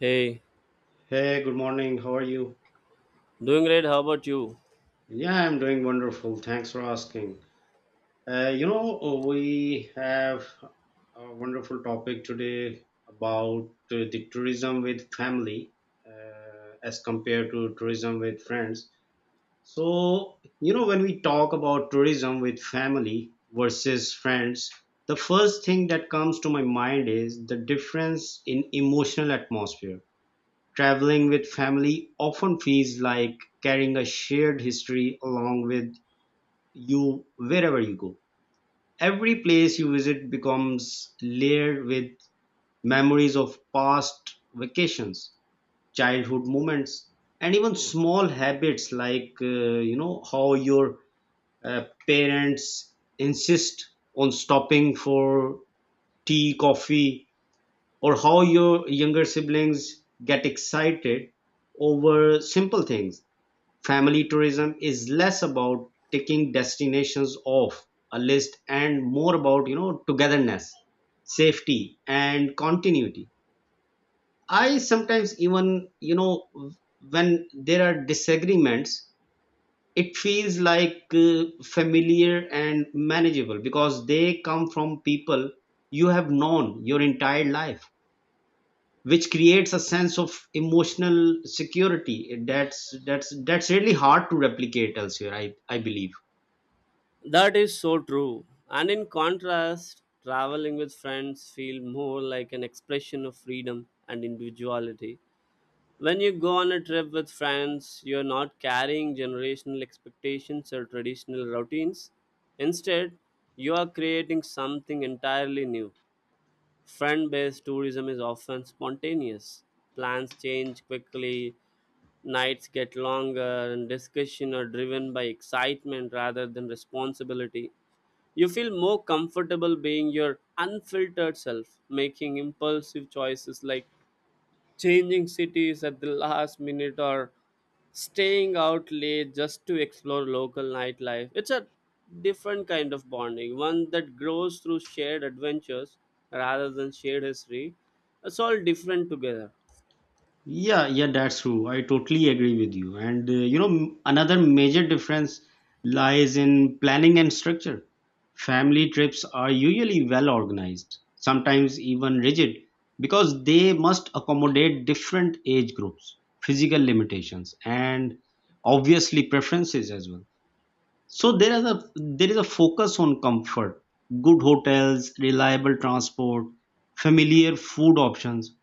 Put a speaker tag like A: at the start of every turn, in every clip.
A: Hey,
B: Hey, good morning. How are you?
A: doing great. How about you?
B: Yeah, I'm doing wonderful. Thanks for asking. You know, we have a wonderful topic today about the tourism with family as compared to tourism with friends. So, you know, when we talk about tourism with family versus friends, the first thing that comes to my mind is the difference in emotional atmosphere. Traveling with family often feels like carrying a shared history along with you wherever you go. Every place you visit becomes layered with memories of past vacations, childhood moments, and even small habits like, you know, how your parents insist on stopping for tea, coffee, or how your younger siblings get excited over simple things. Family tourism is less about ticking destinations off a list and more about, you know, togetherness, safety, and continuity. I sometimes even, you know, when there are disagreements, it feels like familiar and manageable because they come from people you have known your entire life, which creates a sense of emotional security that's really hard to replicate elsewhere, I believe.
A: That is so true. And in contrast, traveling with friends feel more like an expression of freedom and individuality. When you go on a trip with friends, you're not carrying generational expectations or traditional routines. Instead, you are creating something entirely new. Friend based tourism is often spontaneous. Plans change quickly. Nights get longer and discussion are driven by excitement rather than responsibility. You feel more comfortable being your unfiltered self, making impulsive choices like changing cities at the last minute or staying out late just to explore local nightlife. It's a different kind of bonding, one that grows through shared adventures rather than shared history. It's all different together.
B: Yeah, that's true. I totally agree with you. And you know, another major difference lies in planning and structure. Family trips are usually well organized, sometimes even rigid, because they must accommodate different age groups, physical limitations, and obviously preferences as well. So there is a focus on comfort, good hotels, reliable transport, familiar food options,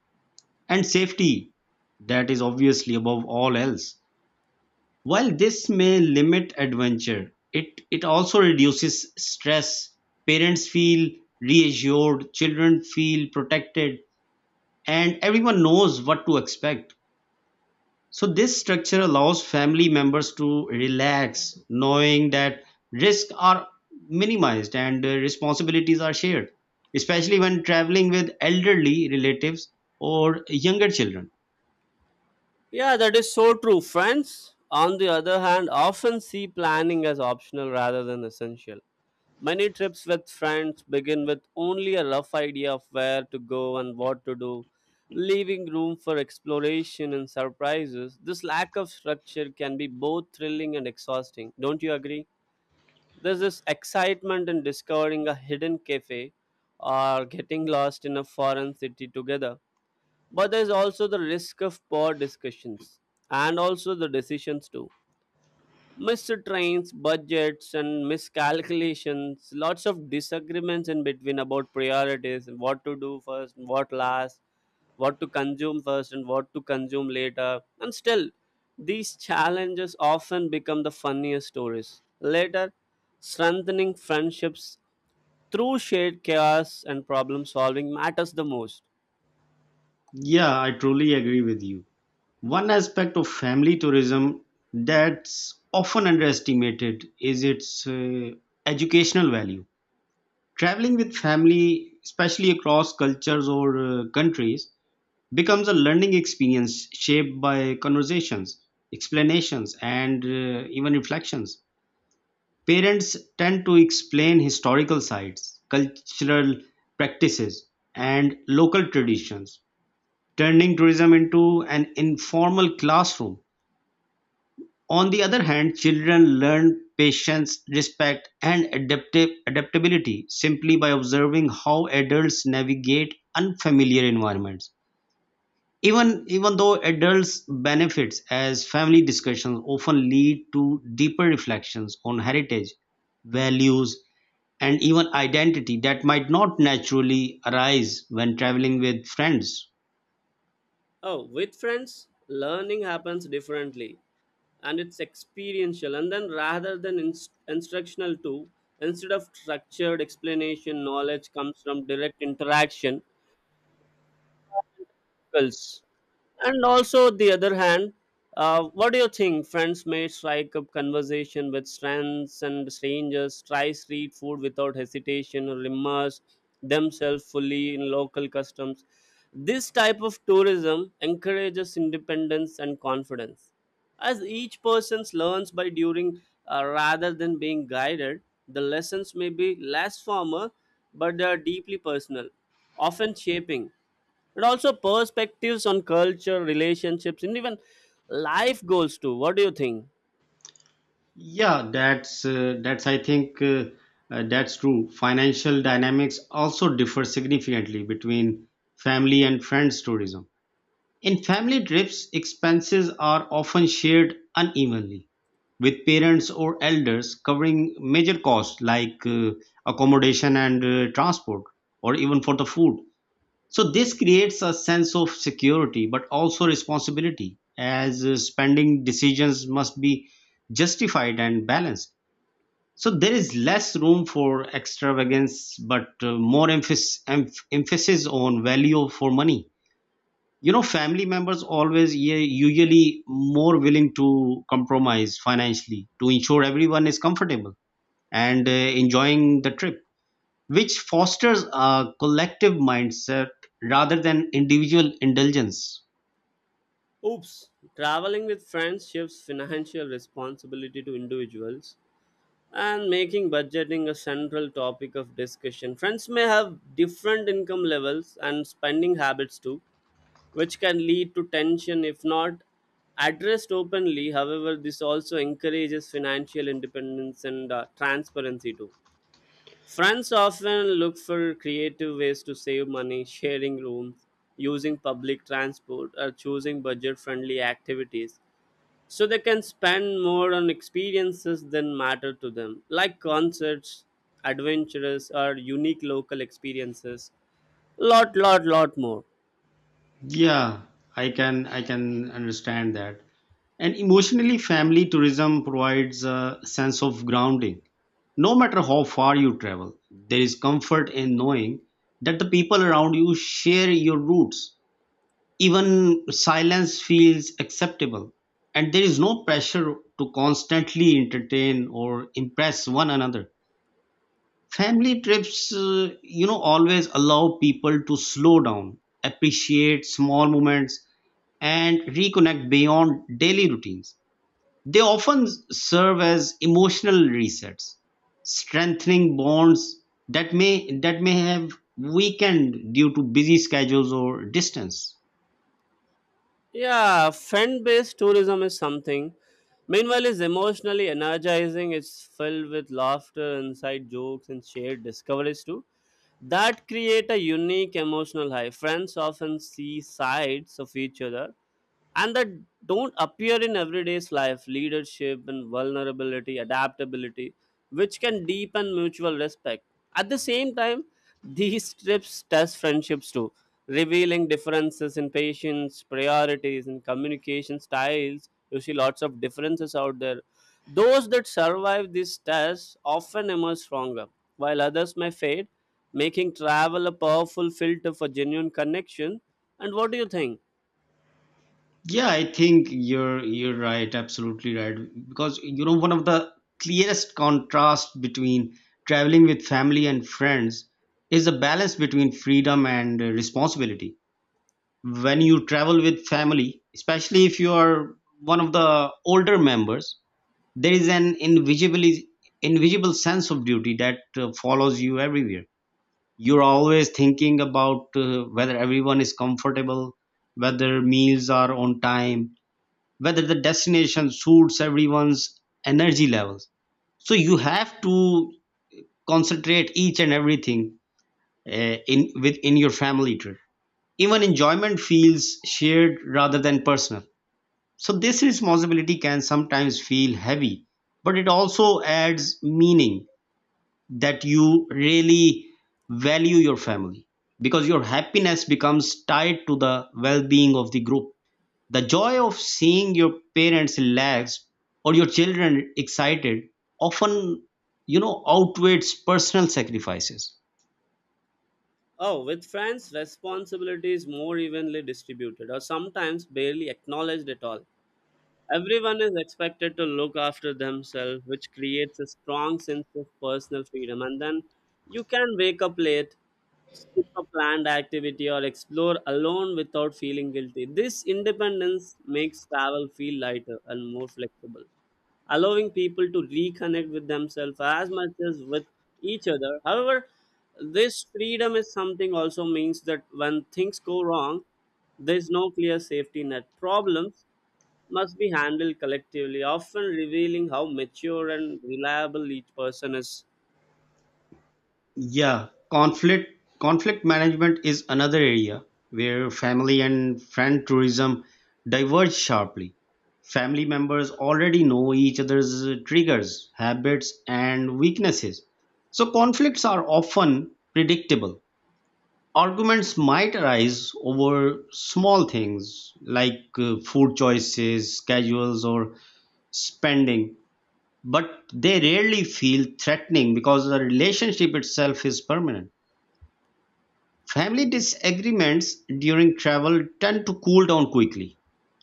B: and safety. That is obviously above all else. While this may limit adventure, it also reduces stress. Parents feel reassured, children feel protected, and everyone knows what to expect. So this structure allows family members to relax, knowing that risks are minimized and responsibilities are shared, especially when traveling with elderly relatives or younger children.
A: Yeah, that is so true. Friends, on the other hand, often see planning as optional rather than essential. Many trips with friends begin with only a rough idea of where to go and what to do, leaving room for exploration and surprises. This lack of structure can be both thrilling and exhausting. Don't you agree? There's this excitement in discovering a hidden cafe or getting lost in a foreign city together, but there's also the risk of poor discussions and also the decisions too, missed trains, budgets, and miscalculations, lots of disagreements in between about priorities and what to do first and what last, what to consume first and what to consume later. And still, these challenges often become the funniest stories later, strengthening friendships through shared chaos, and problem solving matters the most.
B: Yeah, I truly agree with you. One aspect of family tourism that's often underestimated is its educational value. Traveling with family, especially across cultures or countries, becomes a learning experience shaped by conversations, explanations, and even reflections. Parents tend to explain historical sites, cultural practices, and local traditions, turning tourism into an informal classroom. On the other hand, children learn patience, respect, and adaptive adaptability simply by observing how adults navigate unfamiliar environments. Even though adults benefits as family discussions often lead to deeper reflections on heritage, values, and even identity that might not naturally arise when traveling with friends.
A: Oh, with friends, learning happens differently and it's experiential. And then rather than instructional, too, instead of structured explanation, knowledge comes from direct interaction. Skills. And also, the other hand, what do you think? Friends may strike up conversation with friends and strangers, try street food without hesitation, or immerse themselves fully in local customs. This type of tourism encourages independence and confidence. As each person learns by doing, rather than being guided, the lessons may be less formal, but they are deeply personal, often shaping and also perspectives on culture, relationships, and even life goals too. What do you think?
B: Yeah, that's I think that's true. Financial dynamics also differ significantly between family and friends tourism. In family trips, expenses are often shared unevenly, with parents or elders covering major costs like accommodation and transport, or even for the food. So, this creates a sense of security but also responsibility, as spending decisions must be justified and balanced. So, there is less room for extravagance but more emphasis on value for money. You know, family members always, yeah, usually more willing to compromise financially to ensure everyone is comfortable and enjoying the trip, which fosters a collective mindset rather than individual indulgence.
A: Oops. Traveling with friends shifts financial responsibility to individuals and making budgeting a central topic of discussion. Friends may have different income levels and spending habits too, which can lead to tension if not addressed openly. However, this also encourages financial independence and transparency too. Friends often look for creative ways to save money, sharing rooms, using public transport, or choosing budget friendly activities so they can spend more on experiences that matter to them, like concerts, adventures, or unique local experiences. Lot more.
B: Yeah. I can understand that. And emotionally, family tourism provides a sense of grounding. No matter how far you travel, there is comfort in knowing that the people around you share your roots. Even silence feels acceptable, and there is no pressure to constantly entertain or impress one another. Family trips you know, always allow people to slow down, appreciate small moments, and reconnect beyond daily routines. They often serve as emotional resets, strengthening bonds that may have weakened due to busy schedules or distance.
A: Yeah, fan based tourism is something. Meanwhile, it's emotionally energizing. It's filled with laughter, inside jokes, and shared discoveries too. That create a unique emotional high. Friends often see sides of each other and that don't appear in everyday's life, leadership and vulnerability, adaptability, which can deepen mutual respect. At the same time, these trips test friendships too, revealing differences in patience, priorities, and communication styles. You see lots of differences out there. Those that survive these tests often emerge stronger, while others may fade, making travel a powerful filter for genuine connection. And what do you think?
B: Yeah, I think you're right, absolutely right. Because you know, one of the clearest contrast between traveling with family and friends is the balance between freedom and responsibility. When you travel with family, especially if you are one of the older members, there is an invisibly invisible sense of duty that follows you everywhere. You're always thinking about whether everyone is comfortable, whether meals are on time, whether the destination suits everyone's energy levels. So you have to concentrate each and everything in within your family trip. Even enjoyment feels shared rather than personal. So this responsibility can sometimes feel heavy, but it also adds meaning, that you really value your family, because your happiness becomes tied to the well-being of the group. The joy of seeing your parents relaxed or your children excited often, you know, outweighs personal sacrifices.
A: Oh, with friends, responsibility is more evenly distributed or sometimes barely acknowledged at all. Everyone is expected to look after themselves, which creates a strong sense of personal freedom. And then you can wake up late, skip a planned activity, or explore alone without feeling guilty. This independence makes travel feel lighter and more flexible, allowing people to reconnect with themselves as much as with each other. However, this freedom is something also means that when things go wrong, there is no clear safety net. Problems must be handled collectively, often revealing how mature and reliable each person is.
B: Yeah, conflict management is another area where family and friend tourism diverge sharply. Family members already know each other's triggers, habits, and weaknesses. So conflicts are often predictable. Arguments might arise over small things like food choices, schedules, or spending, but they rarely feel threatening because the relationship itself is permanent. Family disagreements during travel tend to cool down quickly,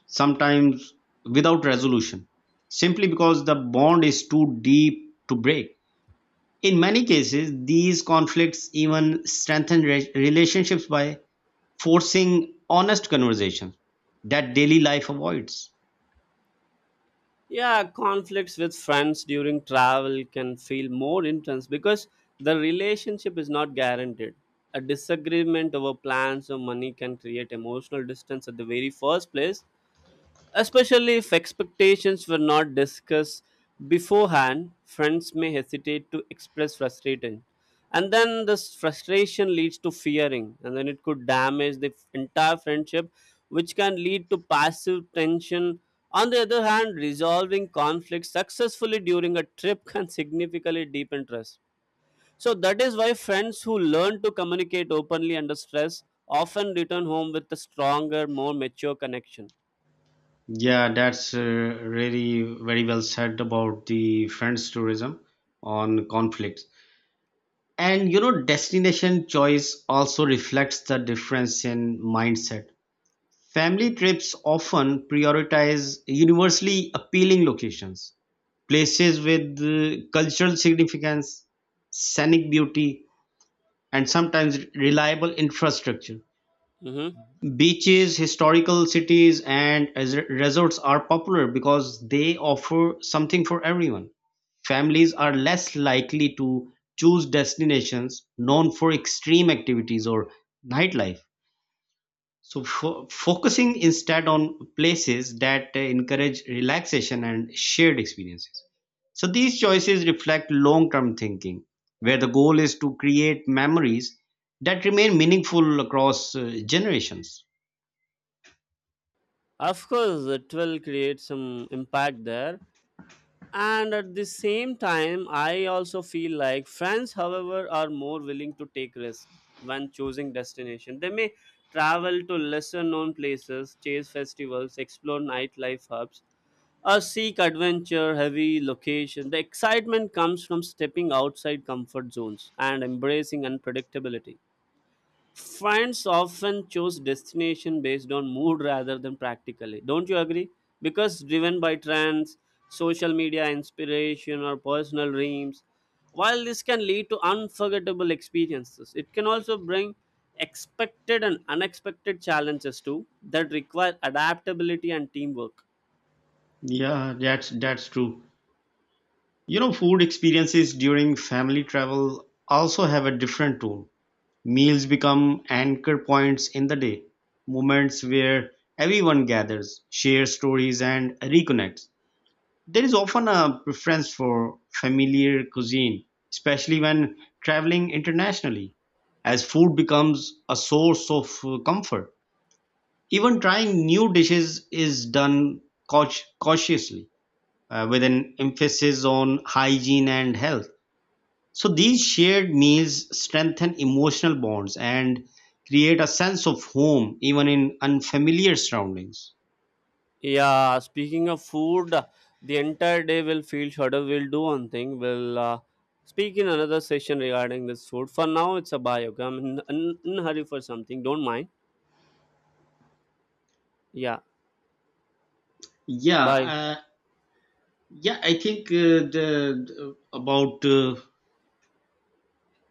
B: sometimes without resolution, simply because the bond is too deep to break. In many cases, these conflicts even strengthen relationships by forcing honest conversation that daily life avoids.
A: Yeah, conflicts with friends during travel can feel more intense because the relationship is not guaranteed. A disagreement over plans or money can create emotional distance at the very first place. Especially if expectations were not discussed beforehand, friends may hesitate to express frustration. And then this frustration leads to fearing, and then it could damage the entire friendship, which can lead to passive tension. On the other hand, resolving conflicts successfully during a trip can significantly deepen trust. So that is why friends who learn to communicate openly under stress often return home with a stronger, more mature connection.
B: Yeah, that's really very well said about the friends tourism on conflicts. And you know, destination choice also reflects the difference in mindset. Family trips often prioritize universally appealing locations, places with cultural significance, scenic beauty, and sometimes reliable infrastructure.
A: Hmm.
B: Beaches, historical cities, and resorts are popular because they offer something for everyone. Families are less likely to choose destinations known for extreme activities or nightlife, so focusing instead on places that encourage relaxation and shared experiences. So, these choices reflect long term thinking, where the goal is to create memories that remain meaningful across generations.
A: Of course, it will create some impact there. And at the same time, I also feel like friends, however, are more willing to take risks when choosing destination. They may travel to lesser known places, chase festivals, explore nightlife hubs, or seek adventure heavy location. The excitement comes from stepping outside comfort zones and embracing unpredictability. Friends often choose destination based on mood rather than practically. Don't you agree? Because driven by trends, social media inspiration, or personal dreams. While this can lead to unforgettable experiences, it can also bring expected and unexpected challenges too that require adaptability and teamwork.
B: Yeah, that's true. You know, food experiences during family travel also have a different tone. Meals become anchor points in the day, moments where everyone gathers, shares stories, and reconnects. There is often a preference for familiar cuisine, especially when traveling internationally, as food becomes a source of comfort. Even trying new dishes is done cau- cautiously with an emphasis on hygiene and health. So these shared meals strengthen emotional bonds and create a sense of home even in unfamiliar surroundings.
A: Yeah, speaking of food, the entire day will feel shorter. We'll do one thing. We'll speak in another session regarding this food. For now, it's a bye. Okay, I'm in hurry for something. Don't mind. Yeah,
B: Yeah,
A: bye.
B: yeah, I think the- about